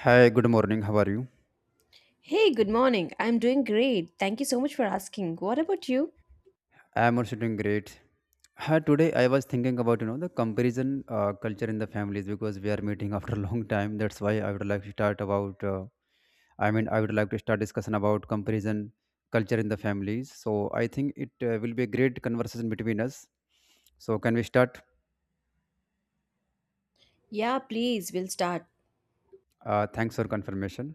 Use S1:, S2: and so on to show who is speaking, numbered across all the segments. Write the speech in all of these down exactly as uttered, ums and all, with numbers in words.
S1: Hi, good morning. How are you?
S2: Hey, good morning. I'm doing great. Thank you so much for asking. What about you?
S1: I am also doing great. Hi, today I was thinking about you know the comparison uh, culture in the families because we are meeting after a long time. That's why I would like to start about. Uh, I mean, I would like to start discussion about comparison culture in the families. So I think it uh, will be a great conversation between us. So can we start?
S2: Yeah, please, we'll start.
S1: Uh, thanks for confirmation.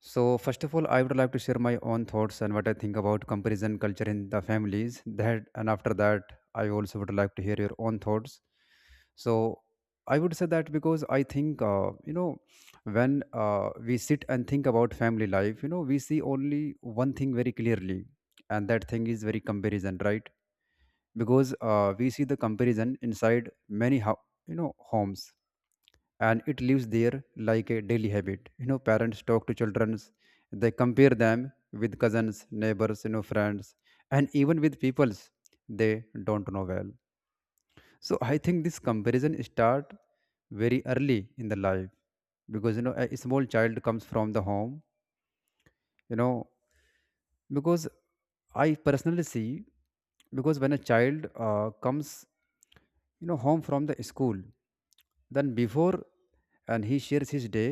S1: So, first of all, I would like to share my own thoughts and what I think about comparison culture in the families. That and after that, I also would like to hear your own thoughts. So, I would say that because I think uh, you know when uh, we sit and think about family life, you know we see only one thing very clearly, and that thing is very comparison, right? Because uh, we see the comparison inside many ho- you know homes, and it lives there like a daily habit. You know parents talk to children, they compare them with cousins, neighbors, you know friends, and even with peoples they don't know well. So I think this comparison start very early in the life, because you know a small child comes from the home. You know because I personally see, because when a child uh, comes you know home from the school, then before, and he shares his day,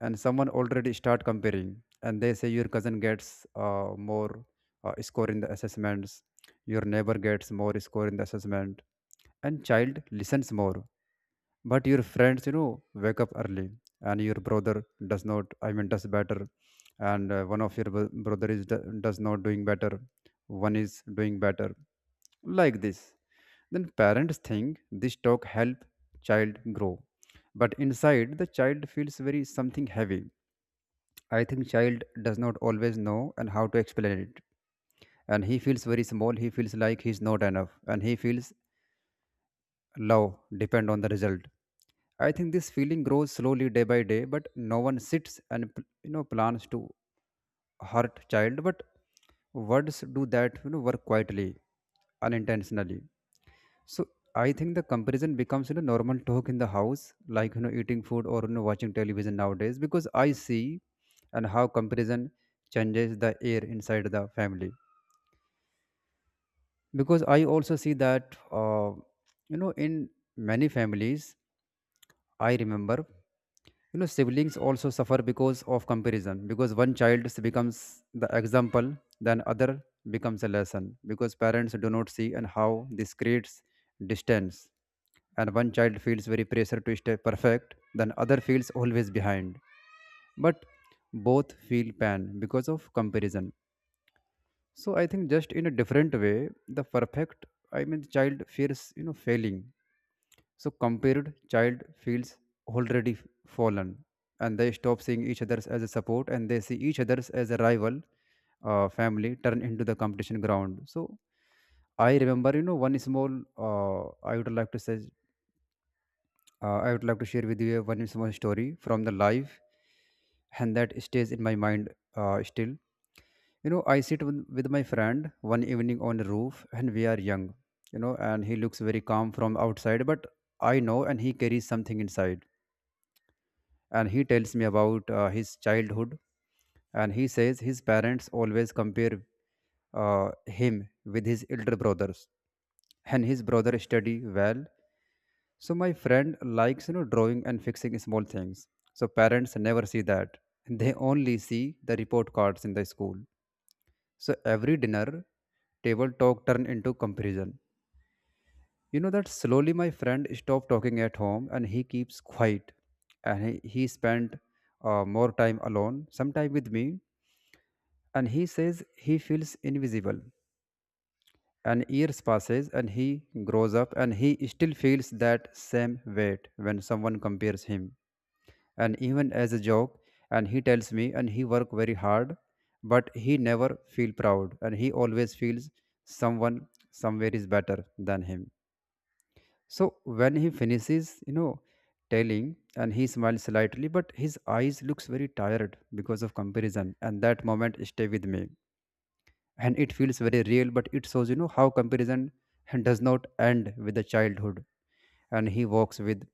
S1: and someone already start comparing, and they say your cousin gets uh, more uh, score in the assessments, your neighbor gets more score in the assessment, and child listens more. But your friends, you know wake up early, and your brother does not, I mean, does better, and uh, one of your bro- brother is do- does not doing better, one is doing better, like this. Then parents think this talk help child grow, but inside the child feels very something heavy. I think child does not always know and how to explain it, and he feels very small, he feels like he's not enough, and he feels love depend on the result. I think this feeling grows slowly day by day, but no one sits and pl- you know plans to hurt child, but words do that, you know work quietly, unintentionally. So I think the comparison becomes you know normal talk in the house, like you know eating food or you know watching television nowadays, because I see and how comparison changes the air inside the family. Because I also see that uh, you know in many families, I remember you know siblings also suffer because of comparison, because one child becomes the example, then other becomes a lesson, because parents do not see and how this creates distance, and one child feels very pressure to stay perfect, then other feels always behind, but both feel pain because of comparison. So I think just in a different way, the perfect, I mean, child fears you know failing, so compared child feels already f- fallen, and they stop seeing each others as a support, and they see each others as a rival. Uh, family turn into the competition ground. So I remember, you know, one small uh, I would like to say uh, I would like to share with you one small story from the life, and that stays in my mind uh, still. You know, I sit with, with my friend one evening on the roof, and we are young. You know, and he looks very calm from outside, but I know, and he carries something inside. And he tells me about uh, his childhood, and he says his parents always compare uh, him with his elder brothers, and his brother study well. So my friend likes you know drawing and fixing small things. So parents never see that. They only see the report cards in the school. So every dinner table talk turn into comparison. You know that slowly my friend stopped talking at home, and he keeps quiet, and he, he spent uh, more time alone, sometime with me, and he says he feels invisible. And years passes and he grows up, and he still feels that same weight when someone compares him, and even as a joke. And he tells me, and he work very hard, but he never feel proud, and he always feels someone somewhere is better than him. So when he finishes, you know telling, and he smiles slightly, but his eyes looks very tired because of comparison, and that moment stay with me, and it feels very real, but it shows you know how comparison does not end with the childhood, and he walks with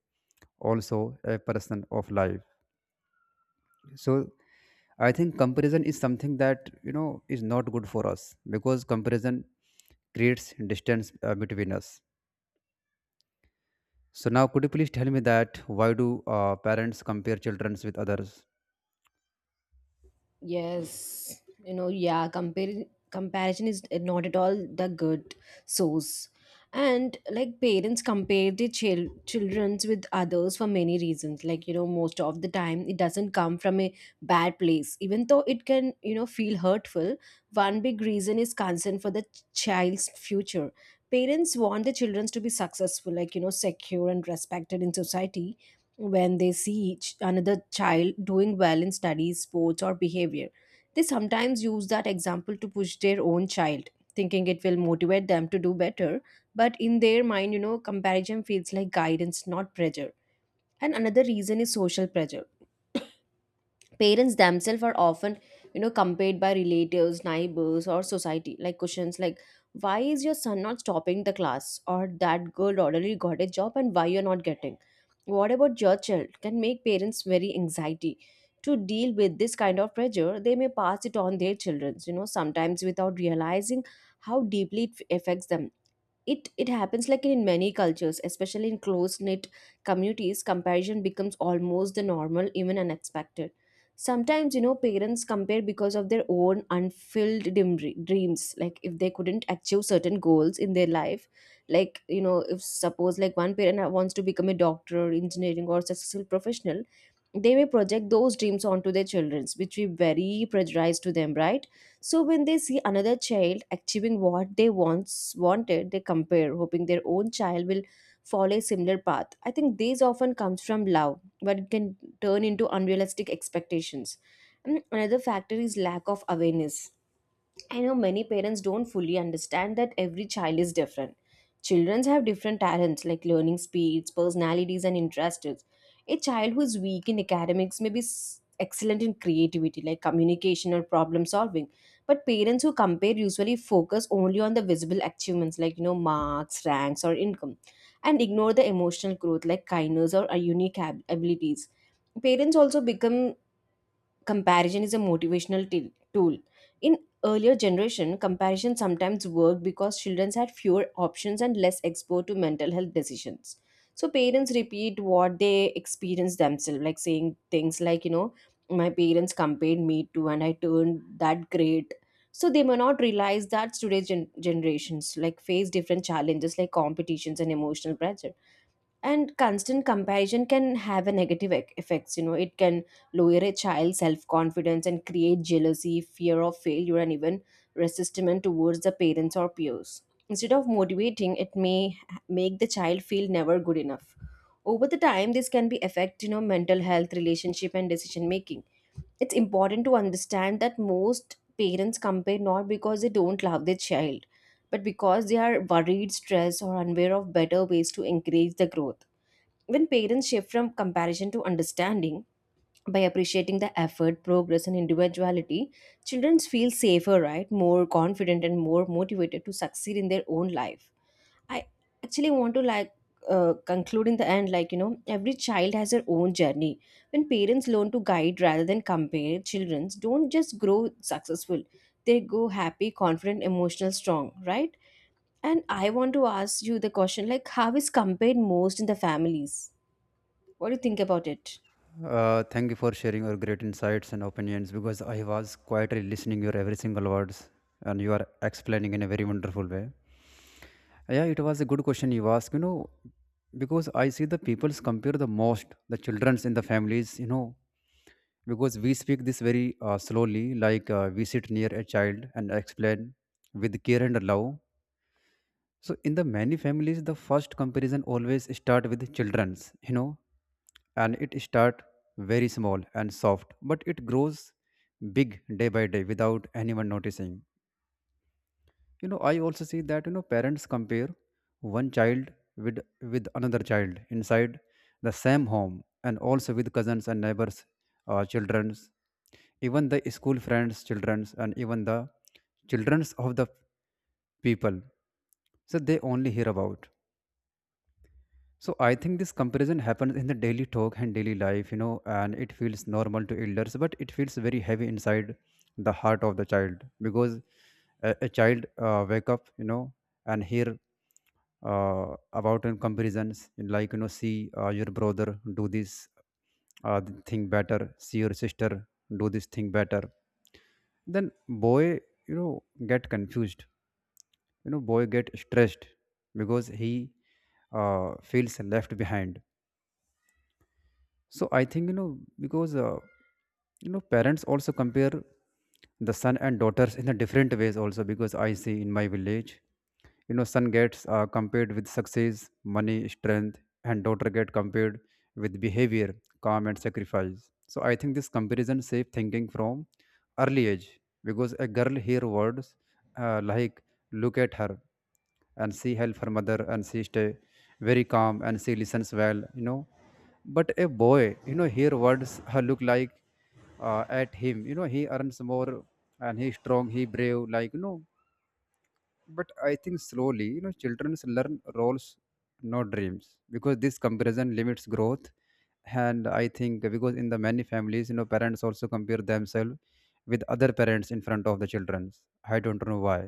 S1: also a person of life. So I think comparison is something that you know is not good for us, because comparison creates distance uh, between us. So now, could you please tell me that why do uh, parents compare childrens with others?
S2: Yes, you know, yeah, compare comparison is not at all the good source. And like parents compare their chil children's with others for many reasons. Like, you know, most of the time it doesn't come from a bad place. Even though it can, you know, feel hurtful, one big reason is concern for the ch- child's future. Parents want their children to be successful, like, you know, secure and respected in society when they see each another child doing well in studies, sports, or behavior. They sometimes use that example to push their own child, thinking it will motivate them to do better. But in their mind, you know, comparison feels like guidance, not pressure. And another reason is social pressure. Parents themselves are often, you know, compared by relatives, neighbors, or society, like questions like, why is your son not stopping the class? Or that girl already got a job and why you're not getting? What about your child? Can make parents very anxiety. To deal with this kind of pressure, they may pass it on their children, you know, sometimes without realizing how deeply it affects them. It it happens like in many cultures, especially in close knit communities, comparison becomes almost the normal, even unexpected sometimes. You know, parents compare because of their own unfilled dim- dreams, like, if they couldn't achieve certain goals in their life. Like, you know, if suppose like one parent wants to become a doctor or engineering or successful professional, they may project those dreams onto their children, which we very prejudice to them, right? So when they see another child achieving what they once wanted, they compare, hoping their own child will follow a similar path. I think these often comes from love, but it can turn into unrealistic expectations. And another factor is lack of awareness. I know many parents don't fully understand that every child is different. Children have different talents, like learning speeds, personalities, and interests. A child who is weak in academics may be s- excellent in creativity, like communication or problem solving. But parents who compare usually focus only on the visible achievements, like, you know, marks, ranks, or income, and ignore the emotional growth like kindness or uh, unique ab- abilities. Parents also become comparison is a motivational t- tool. In earlier generation, comparison sometimes worked because children had fewer options and less exposed to mental health decisions. So parents repeat what they experience themselves, like saying things like, you know, my parents compared me to and I turned that great. So they may not realize that today's gen- generations like face different challenges, like competitions and emotional pressure, and constant comparison can have a negative ec- effects. You know, it can lower a child's self-confidence and create jealousy, fear of failure, and even resistance towards the parents or peers. Instead of motivating, it may ha- make the child feel never good enough. Over the time, this can be affect, you know, mental health, relationship, and decision making. It's important to understand that most parents compare not because they don't love their child, but because they are worried, stressed, or unaware of better ways to encourage the growth. When parents shift from comparison to understanding, by appreciating the effort, progress, and individuality, children feel safer, right? More confident and more motivated to succeed in their own life. I actually want to like uh, conclude in the end, like, you know, every child has their own journey. When parents learn to guide rather than compare, children don't just grow successful; they go happy, confident, emotional, strong, right? And I want to ask you the question, like, how is compared most in the families? What do you think about it?
S1: Uh, thank you for sharing your great insights and opinions, because I was quietly listening your every single words, and you are explaining in a very wonderful way. Yeah, it was a good question you asked. You know, because I see the peoples compare the most the childrens in the families. You know, because we speak this very uh, slowly, like uh, we sit near a child and explain with care and love. So in the many families the first comparison always start with children's, you know and it start very small and soft, but it grows big day by day without anyone noticing. you know I also see that you know parents compare one child with with another child inside the same home, and also with cousins and neighbors, uh, children's, even the school friends children's, and even the children's of the people, so they only hear about. So I think this comparison happens in the daily talk and daily life, you know, and it feels normal to elders, but it feels very heavy inside the heart of the child. Because a, a child uh, wake up, you know, and hear uh, about in comparisons, like you know, see uh, your brother do this uh, thing better, see your sister do this thing better. Then boy, you know, get confused. You know, boy get stressed, because he uh, feels left behind. So I think you know because uh, you know parents also compare the son and daughters in a different ways also, because I see in my village, you know son gets uh, compared with success, money, strength, and daughter get compared with behavior, calm, and sacrifice. So I think this comparison safe thinking from early age, because a girl hear words uh, like look at her, and she help her mother, and she stay very calm, and she listens well, you know but a boy, you know hear words look like uh, at him, you know he earns more, and he's strong, he brave, like you know but I think slowly you know children learn roles not dreams, because this comparison limits growth. And I think because in the many families, you know parents also compare themselves with other parents in front of the children. I don't know why,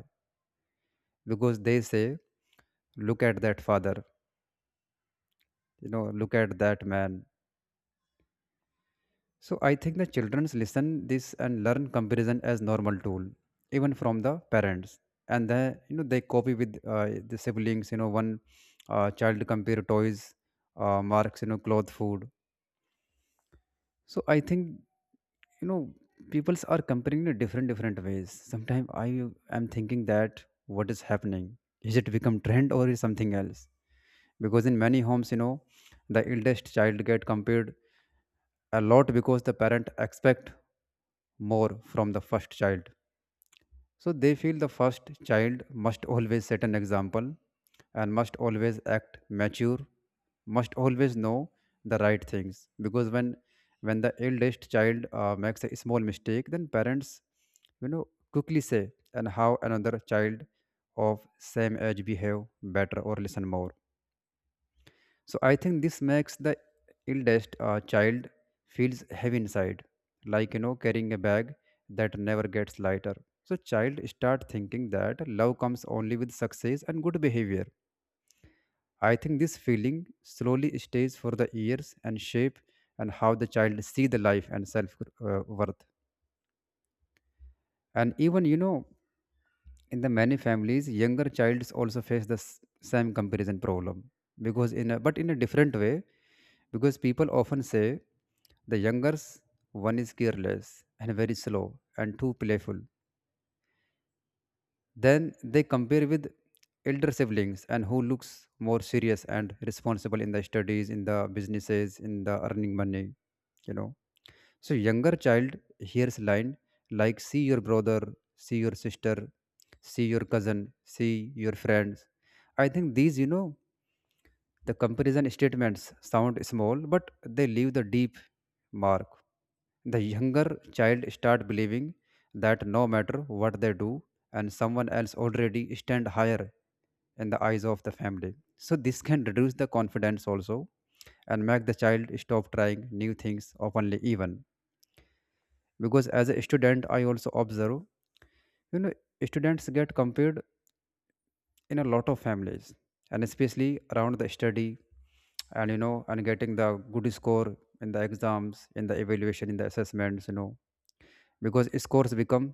S1: because they say look at that father, you know look at that man. So I think the childrens listen this and learn comparison as normal tool, even from the parents. And then you know, they copy with uh, the siblings. You know, one uh, child compare toys, uh, marks, you know, cloth, food. So I think, you know, peoples are comparing in different different ways. Sometimes I am thinking that what is happening? Is it become trend or is something else? Because in many homes, you know, the eldest child get compared a lot, because the parent expect more from the first child, so they feel the first child must always set an example, and must always act mature, must always know the right things. Because when when the eldest child uh, makes a small mistake, then parents you know quickly say and how another child of same age behave better or listen more. So I think this makes the eldest uh, child feels heavy inside, like you know carrying a bag that never gets lighter. So child start thinking that love comes only with success and good behavior. I think this feeling slowly stays for the years and shape and how the child see the life and self uh, worth. And even you know in the many families, younger childs also face the s- same comparison problem, because in a, but in a different way, because people often say the younger s- one is careless and very slow and too playful. Then they compare with elder siblings and who looks more serious and responsible in the studies, in the businesses, in the earning money, you know. So younger child hears line like see your brother, see your sister, see your cousin, see your friends. I think these, you know, the comparison statements sound small, but they leave the deep mark. The younger child start believing that no matter what they do, and someone else already stand higher in the eyes of the family. So this can reduce the confidence also and make the child stop trying new things openly even. Because as a student, I also observe, you know, students get compared in a lot of families and especially around the study, and you know, and getting the good score in the exams, in the evaluation, in the assessments, you know, because scores become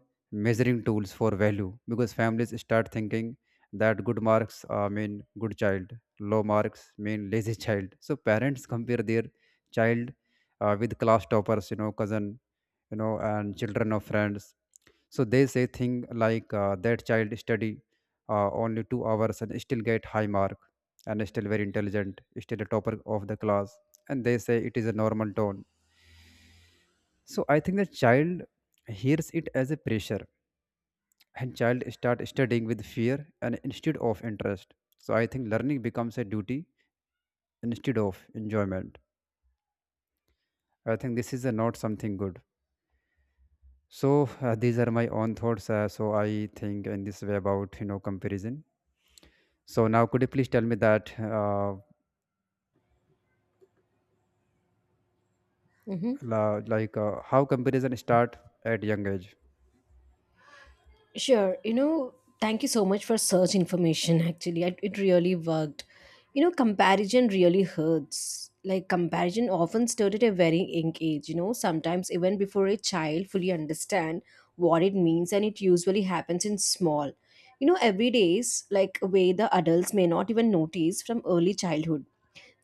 S1: measuring tools for value, because families start thinking that good marks uh, mean good child, low marks mean lazy child. So parents compare their child uh, with class toppers, you know, cousin, you know, and children of friends. So they say thing like uh, that child study uh, only two hours and still get high mark and still very intelligent, still a topper of the class. And they say it is a normal tone. So I think the child hears it as a pressure, and child start studying with fear and instead of interest. So I think learning becomes a duty instead of enjoyment. I think this is a not something good. So uh, these are my own thoughts. Uh, so I think in this way about, you know, comparison. So now, could you please tell me that, uh,
S2: Hmm.
S1: la- like, uh, how comparison start at young age?
S2: Sure. You know, thank you so much for search information. Actually, I, it really worked. You know, comparison really hurts. Like, comparison often started at a very young age, you know, sometimes even before a child fully understand what it means, and it usually happens in small, you know, every days, like, way the adults may not even notice. From early childhood,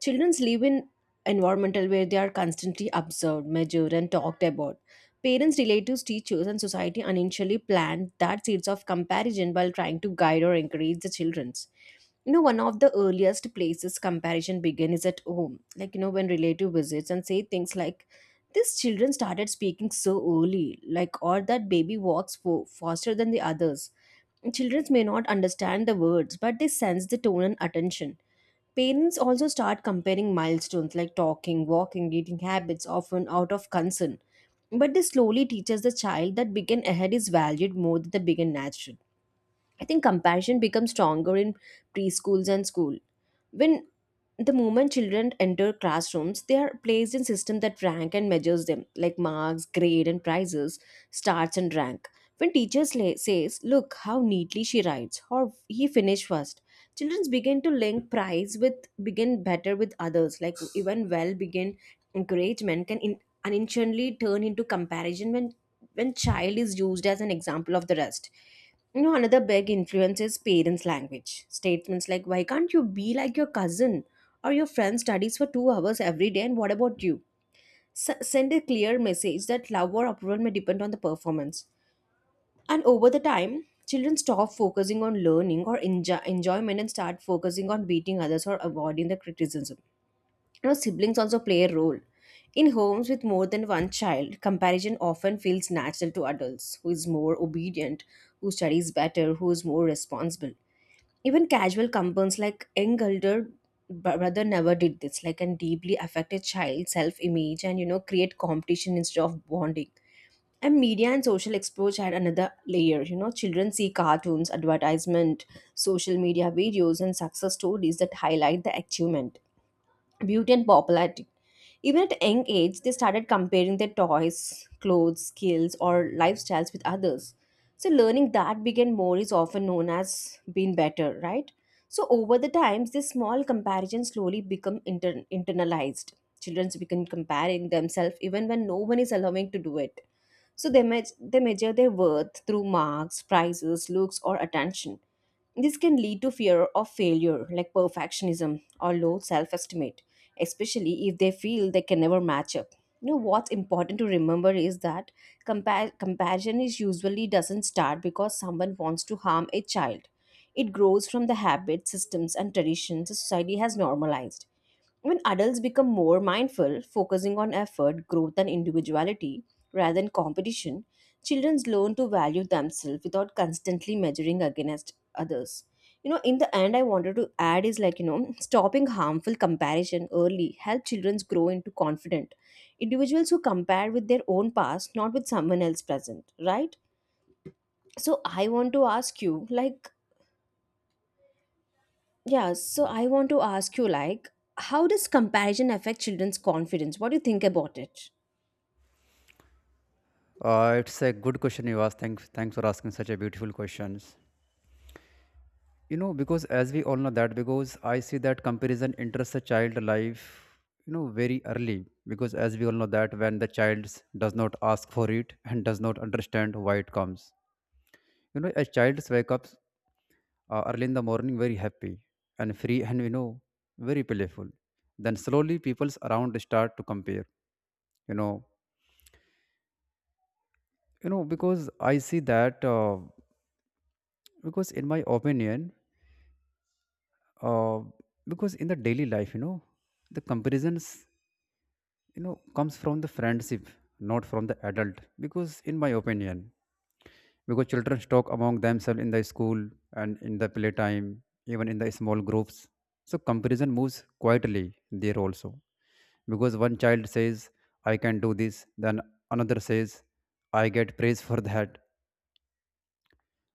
S2: children live in environmental where they are constantly observed, measured, and talked about. Parents, relatives, teachers, and society unintentionally plant that seeds of comparison while trying to guide or encourage the children's. You know, one of the earliest places comparison began is at home. Like, you know, when relative visits and say things like, these children started speaking so early, like, or that baby walks fo- faster than the others. Children may not understand the words, but they sense the tone and attention. Parents also start comparing milestones, like talking, walking, eating habits, often out of concern. But this slowly teaches the child that begin ahead is valued more than the begin natural. I think comparison becomes stronger in preschools and school. When the moment children enter classrooms, they are placed in system that rank and measures them, like marks, grade, and prizes, starts and rank. When teachers la- says, "Look how neatly she writes," or "He finished first," children begin to link prize with begin better with others. Like, even well begin encouragement can, in, unintentionally turn into comparison when when child is used as an example of the rest. You know, another big influence is parents' language. Statements like, why can't you be like your cousin? Or your friend studies for two hours every day, and what about you? S- send a clear message that love or approval may depend on the performance. And over the time, children stop focusing on learning or enjo- enjoyment and start focusing on beating others or avoiding the criticism. You know, siblings also play a role. In homes with more than one child, comparison often feels natural to adults, who is more obedient, who studies better, who is more responsible. Even casual compounds like young elder br- brother never did this like and deeply affect a child's self-image and, you know, create competition instead of bonding. And media and social exposure had another layer. You know, children see cartoons, advertisement, social media videos, and success stories that highlight the achievement, beauty, and popularity. Even at a young age, they started comparing their toys, clothes, skills, or lifestyles with others. So, learning that began more is often known as being better, right? So, over the times, this small comparison slowly become inter- internalized. Children begin comparing themselves even when no one is allowing to do it. So, they, me- they measure their worth through marks, prizes, looks, or attention. This can lead to fear of failure, like perfectionism or low self estimate, especially if they feel they can never match up. You know, what's important to remember is that compa- compassion is usually doesn't start because someone wants to harm a child. It grows from the habits, systems, and traditions society has normalized. When adults become more mindful, focusing on effort, growth, and individuality rather than competition, children learn to value themselves without constantly measuring against others. You know, in the end, I wanted to add is like, you know, stopping harmful comparison early help children grow into confident individuals who compare with their own past, not with someone else present, right? So I want to ask you, like, yeah, so I want to ask you like, how does comparison affect children's confidence? What do you think about it?
S1: Uh, it's a good question you asked. Thanks, thanks for asking such a beautiful questions. You know, because as we all know that, because I see that comparison enters a child life, you know, very early. Because as we all know that, when the child does not ask for it and does not understand why it comes, you know, a child wake up uh, early in the morning, very happy and free, and you know, very playful. Then slowly, people's around start to compare, you know. You know, because I see that, uh, because in my opinion, uh, because in the daily life, you know, the comparisons, you know, comes from the friendship, not from the adult, because in my opinion, because children talk among themselves in the school and in the playtime, even in the small groups. So comparison moves quietly there also, because one child says I can do this, then another says I get praise for that.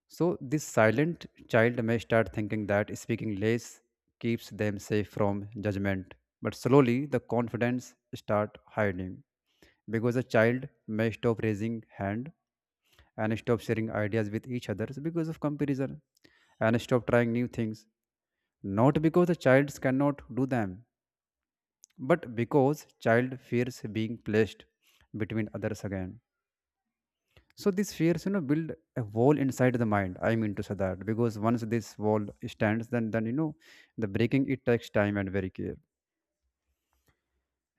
S1: So, this silent child may start thinking that speaking less keeps them safe from judgment, but slowly the confidence start hiding, because a child may stop raising hand and stop sharing ideas with each other because of comparison, and stop trying new things, not because the child cannot do them, but because child fears being placed between others again. So these fears, you know, build a wall inside the mind. I mean to say that because once this wall stands, then then you know, the breaking it takes time and very care.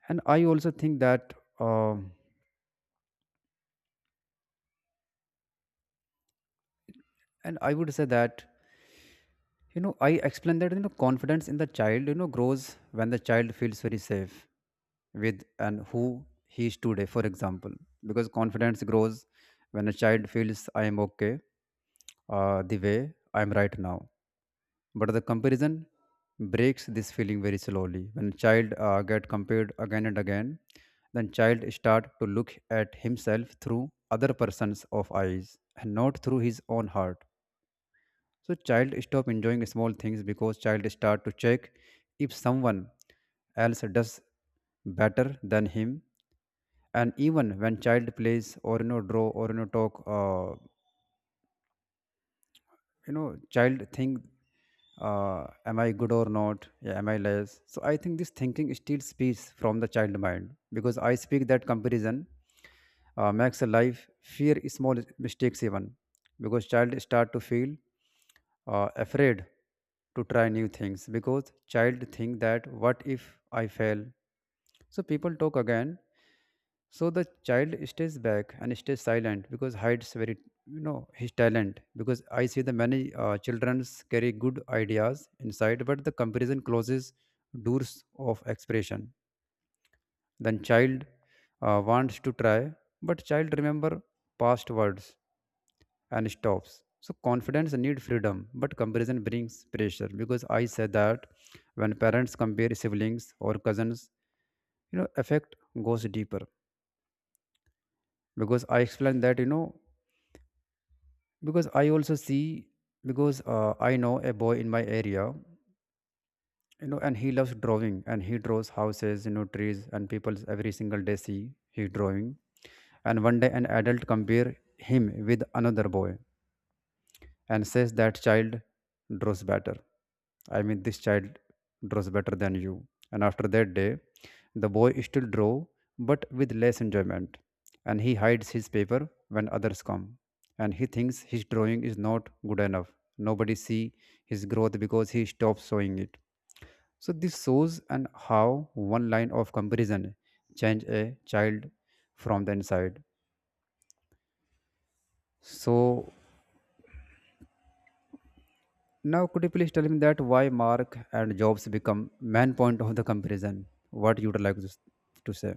S1: And I also think that, um and I would say that, you know, I explain that, you know, confidence in the child, you know, grows when the child feels very safe with and who he is today. For example, because confidence grows when a child feels I am okay, uh, the way I am right now. But the comparison breaks this feeling very slowly, when child uh, get compared again and again, then child start to look at himself through other person's of eyes and not through his own heart. So child stop enjoying small things because child start to check if someone else does better than him. And even when child plays or you know draw or you know talk, uh, you know, child think, uh, am I good or not, yeah, am I less? So I think this thinking still speaks from the child mind, because I speak that comparison uh, makes a life fear small mistakes even, because child start to feel uh, afraid to try new things, because child think that what if I fail, so people talk again. So the child stays back and stays silent, because hides very, you know, his talent, because I see the many uh, childrens carry good ideas inside, but the comparison closes doors of expression. Then child uh, wants to try, but child remember past words and stops. So confidence need freedom, but comparison brings pressure, because I say that when parents compare siblings or cousins, you know, effect goes deeper, because I explained that, you know, because I also see, because uh, I know a boy in my area, you know, and he loves drawing, and he draws houses, you know, trees and people every single day, see he drawing. And one day an adult compare him with another boy and says that child draws better. I mean, this child draws better than you. And after that day, the boy still draw, but with less enjoyment. And he hides his paper when others come. And he thinks his drawing is not good enough. Nobody see his growth because he stops showing it. So this shows and how one line of comparison change a child from the inside. So now, could you please tell me that why mark and jobs become main point of the comparison? What you would like to, s- to say?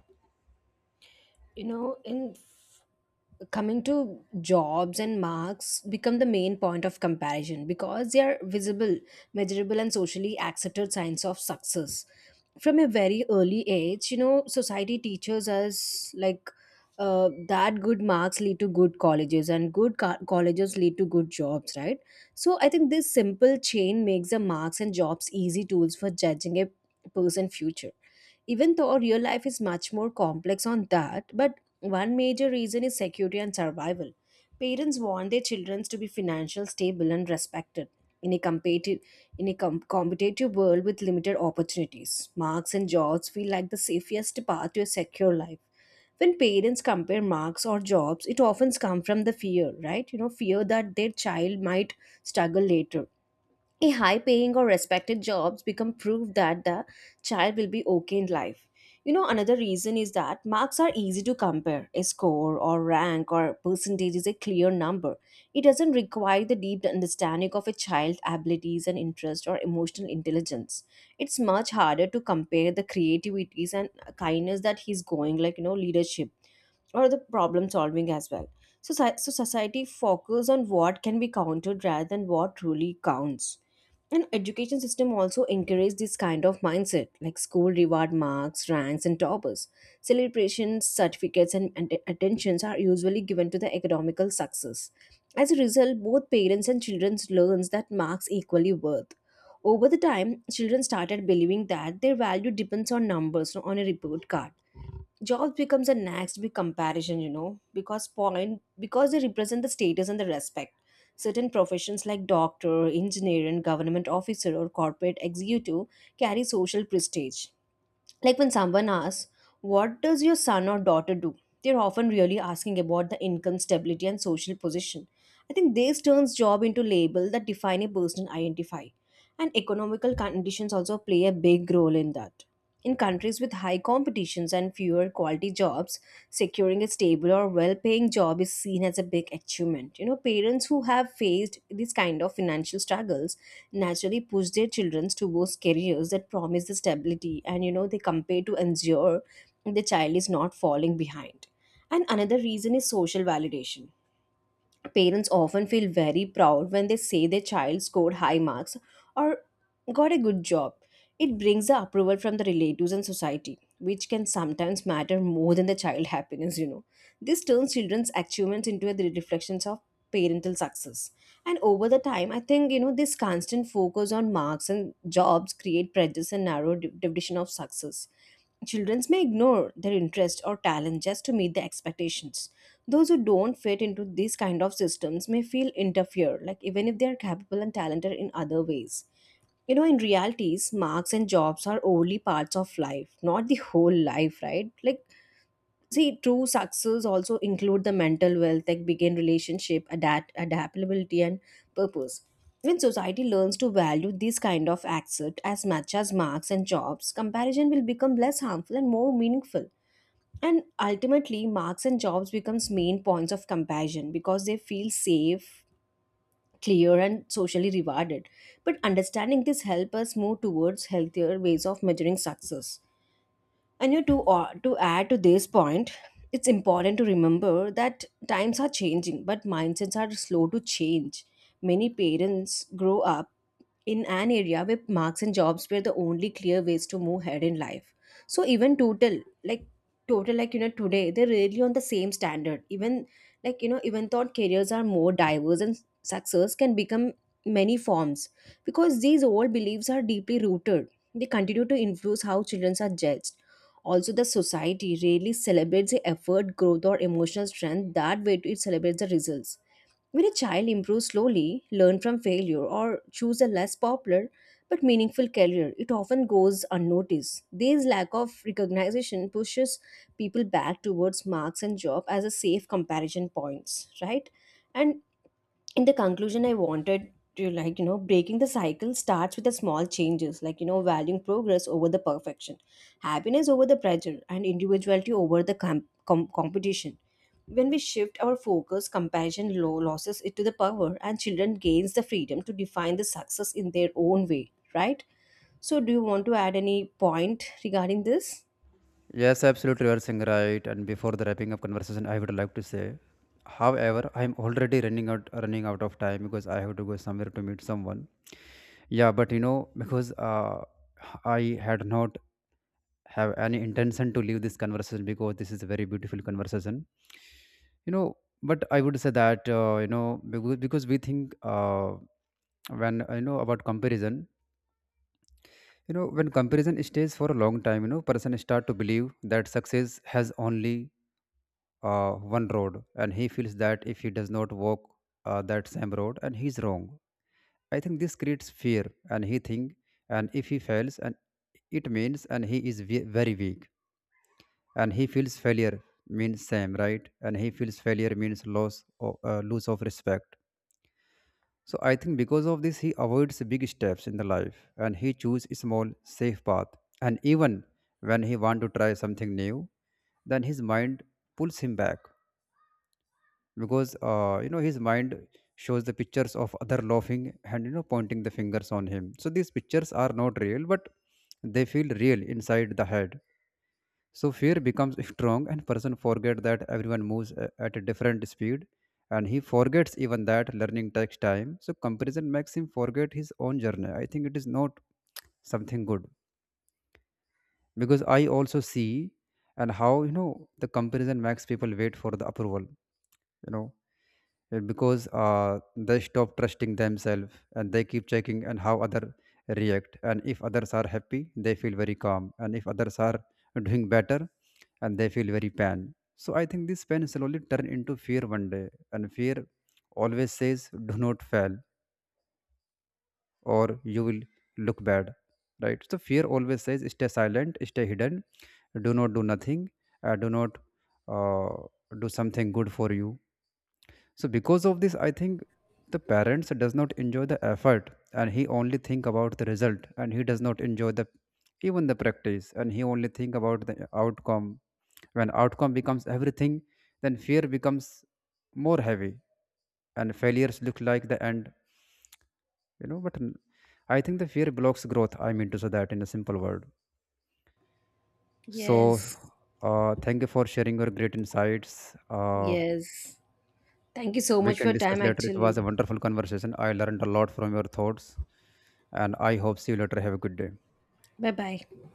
S2: You know, in f- coming to jobs and marks become the main point of comparison because they are visible, measurable, and socially accepted signs of success. From a very early age, you know, society teaches us like uh, that good marks lead to good colleges, and good co- colleges lead to good jobs, right? So I think this simple chain makes the marks and jobs easy tools for judging a person's future, even though real life is much more complex on that. But one major reason is security and survival. Parents want their children to be financially stable and respected. In a competitive in a com- competitive world with limited opportunities, marks and jobs feel like the safest path to a secure life. When parents compare marks or jobs, it often comes from the fear, right? You know, fear that their child might struggle later. A high paying or respected jobs become proof that the child will be okay in life. You know, another reason is that marks are easy to compare. A score or rank or percentage is a clear number. It doesn't require the deep understanding of a child's abilities and interest or emotional intelligence. It's much harder to compare the creativities and kindness, that he's going, like, you know, leadership or the problem solving as well. So, soci- so society focuses on what can be counted rather than what truly counts. And education system also encourage this kind of mindset, like school reward marks, ranks, and toppers. Celebrations, certificates, and, and attentions are usually given to the economical success. As a result, both parents and children learns that marks equally worth. Over the time, children started believing that their value depends on numbers, on a report card. Jobs becomes a next big comparison, you know because point because they represent the status and the respect. Certain professions like doctor, engineer, and government officer or corporate executive carry social prestige. Like when someone asks, "What does your son or daughter do?" They're often really asking about the income stability and social position. I think this turns job into label that define a person identify. And economical conditions also play a big role in that. In countries with high competitions and fewer quality jobs, securing a stable or well-paying job is seen as a big achievement. You know, parents who have faced these kind of financial struggles naturally push their children towards careers that promise the stability, and you know they compare to ensure the child is not falling behind. And another reason is social validation. Parents often feel very proud when they say their child scored high marks or got a good job. It brings the approval from the relatives and society, which can sometimes matter more than the child happiness, you know. This turns children's achievements into the reflections of parental success. And over the time, I think, you know, this constant focus on marks and jobs create prejudice and narrow div- division of success. Children may ignore their interest or talent just to meet the expectations. Those who don't fit into these kind of systems may feel interfered, like even if they are capable and talented in other ways. You know, in realities, marks and jobs are only parts of life, not the whole life, right? Like, see, true success also include the mental wealth, like begin relationship, adapt adaptability and purpose. When society learns to value these kind of assets as much as marks and jobs, comparison will become less harmful and more meaningful. And ultimately, marks and jobs becomes main points of comparison because they feel safe, clear, and socially rewarded. But understanding this help us move towards healthier ways of measuring success. And you to uh, to add to this point, it's important to remember that times are changing, but mindsets are slow to change. Many parents grow up in an area where marks and jobs were the only clear ways to move ahead in life. So even total, like total, like you know, today they're really on the same standard. Even like you know, even though careers are more diverse and success can become many forms, because these old beliefs are deeply rooted. They continue to influence how children are judged. Also, the society rarely celebrates the effort, growth, or emotional strength. That way, it celebrates the results. When a child improves slowly, learn from failure, or choose a less popular but meaningful career, it often goes unnoticed. This lack of recognition pushes people back towards marks and job as a safe comparison points, right? And in the conclusion, I wanted to, like you know breaking the cycle starts with the small changes, like you know valuing progress over the perfection, happiness over the pressure, and individuality over the com- com- competition. When we shift our focus, compassion low losses it to the power and children gains the freedom to define the success in their own way, right? So do you want to add any point regarding this?
S1: Yes, absolutely, you are saying right. And before the wrapping up conversation, I would like to say, however, I am already running out running out of time, because I have to go somewhere to meet someone. Yeah, but you know, because uh, I had not have any intention to leave this conversation, because this is a very beautiful conversation, you know. But I would say that, uh, you know, because, because we think, uh, when, uh, you know, about comparison, you know, when comparison stays for a long time, you know, person start to believe that success has only uh, one road, and he feels that if he does not walk uh, that same road, and he's wrong. I think this creates fear, and he think, and if he fails, and it means, and he is ve- very weak, and he feels failure means same right, and he feels failure means loss or uh, lose of respect. So I think because of this, he avoids big steps in the life and he chooses small, safe path. And even when he want to try something new, then his mind pulls him back, because uh, you know, his mind shows the pictures of other laughing and you know pointing the fingers on him. So these pictures are not real, but they feel real inside the head. So fear becomes strong and person forget that everyone moves a- at a different speed, and he forgets even that learning takes time. So comparison makes him forget his own journey. I think it is not something good. Because I also see and how, you know, the comparison makes people wait for the approval, you know. Yeah, because uh, they stop trusting themselves and they keep checking and how other react, and if others are happy they feel very calm, and if others are doing better and they feel very pain. So I think this pain slowly turn into fear one day. And fear always says do not fail or you will look bad, right? So fear always says stay silent, stay hidden, do not do nothing, uh, do not uh, do something good for you. So because of this, I think the parents does not enjoy the effort, and he only think about the result, and he does not enjoy the even the practice, and he only think about the outcome. When outcome becomes everything, then fear becomes more heavy, and failures look like the end. You know, but n- I think the fear blocks growth. I mean to say that in a simple word. So
S2: Yes.
S1: uh, thank you for sharing your great insights. Uh,
S2: Yes, thank you so
S1: We
S2: much for
S1: can
S2: your
S1: discuss
S2: time
S1: later. It was a
S2: actually.
S1: wonderful conversation. I learned a lot from your thoughts, and I hope see you later. Have a good day.
S2: Bye bye.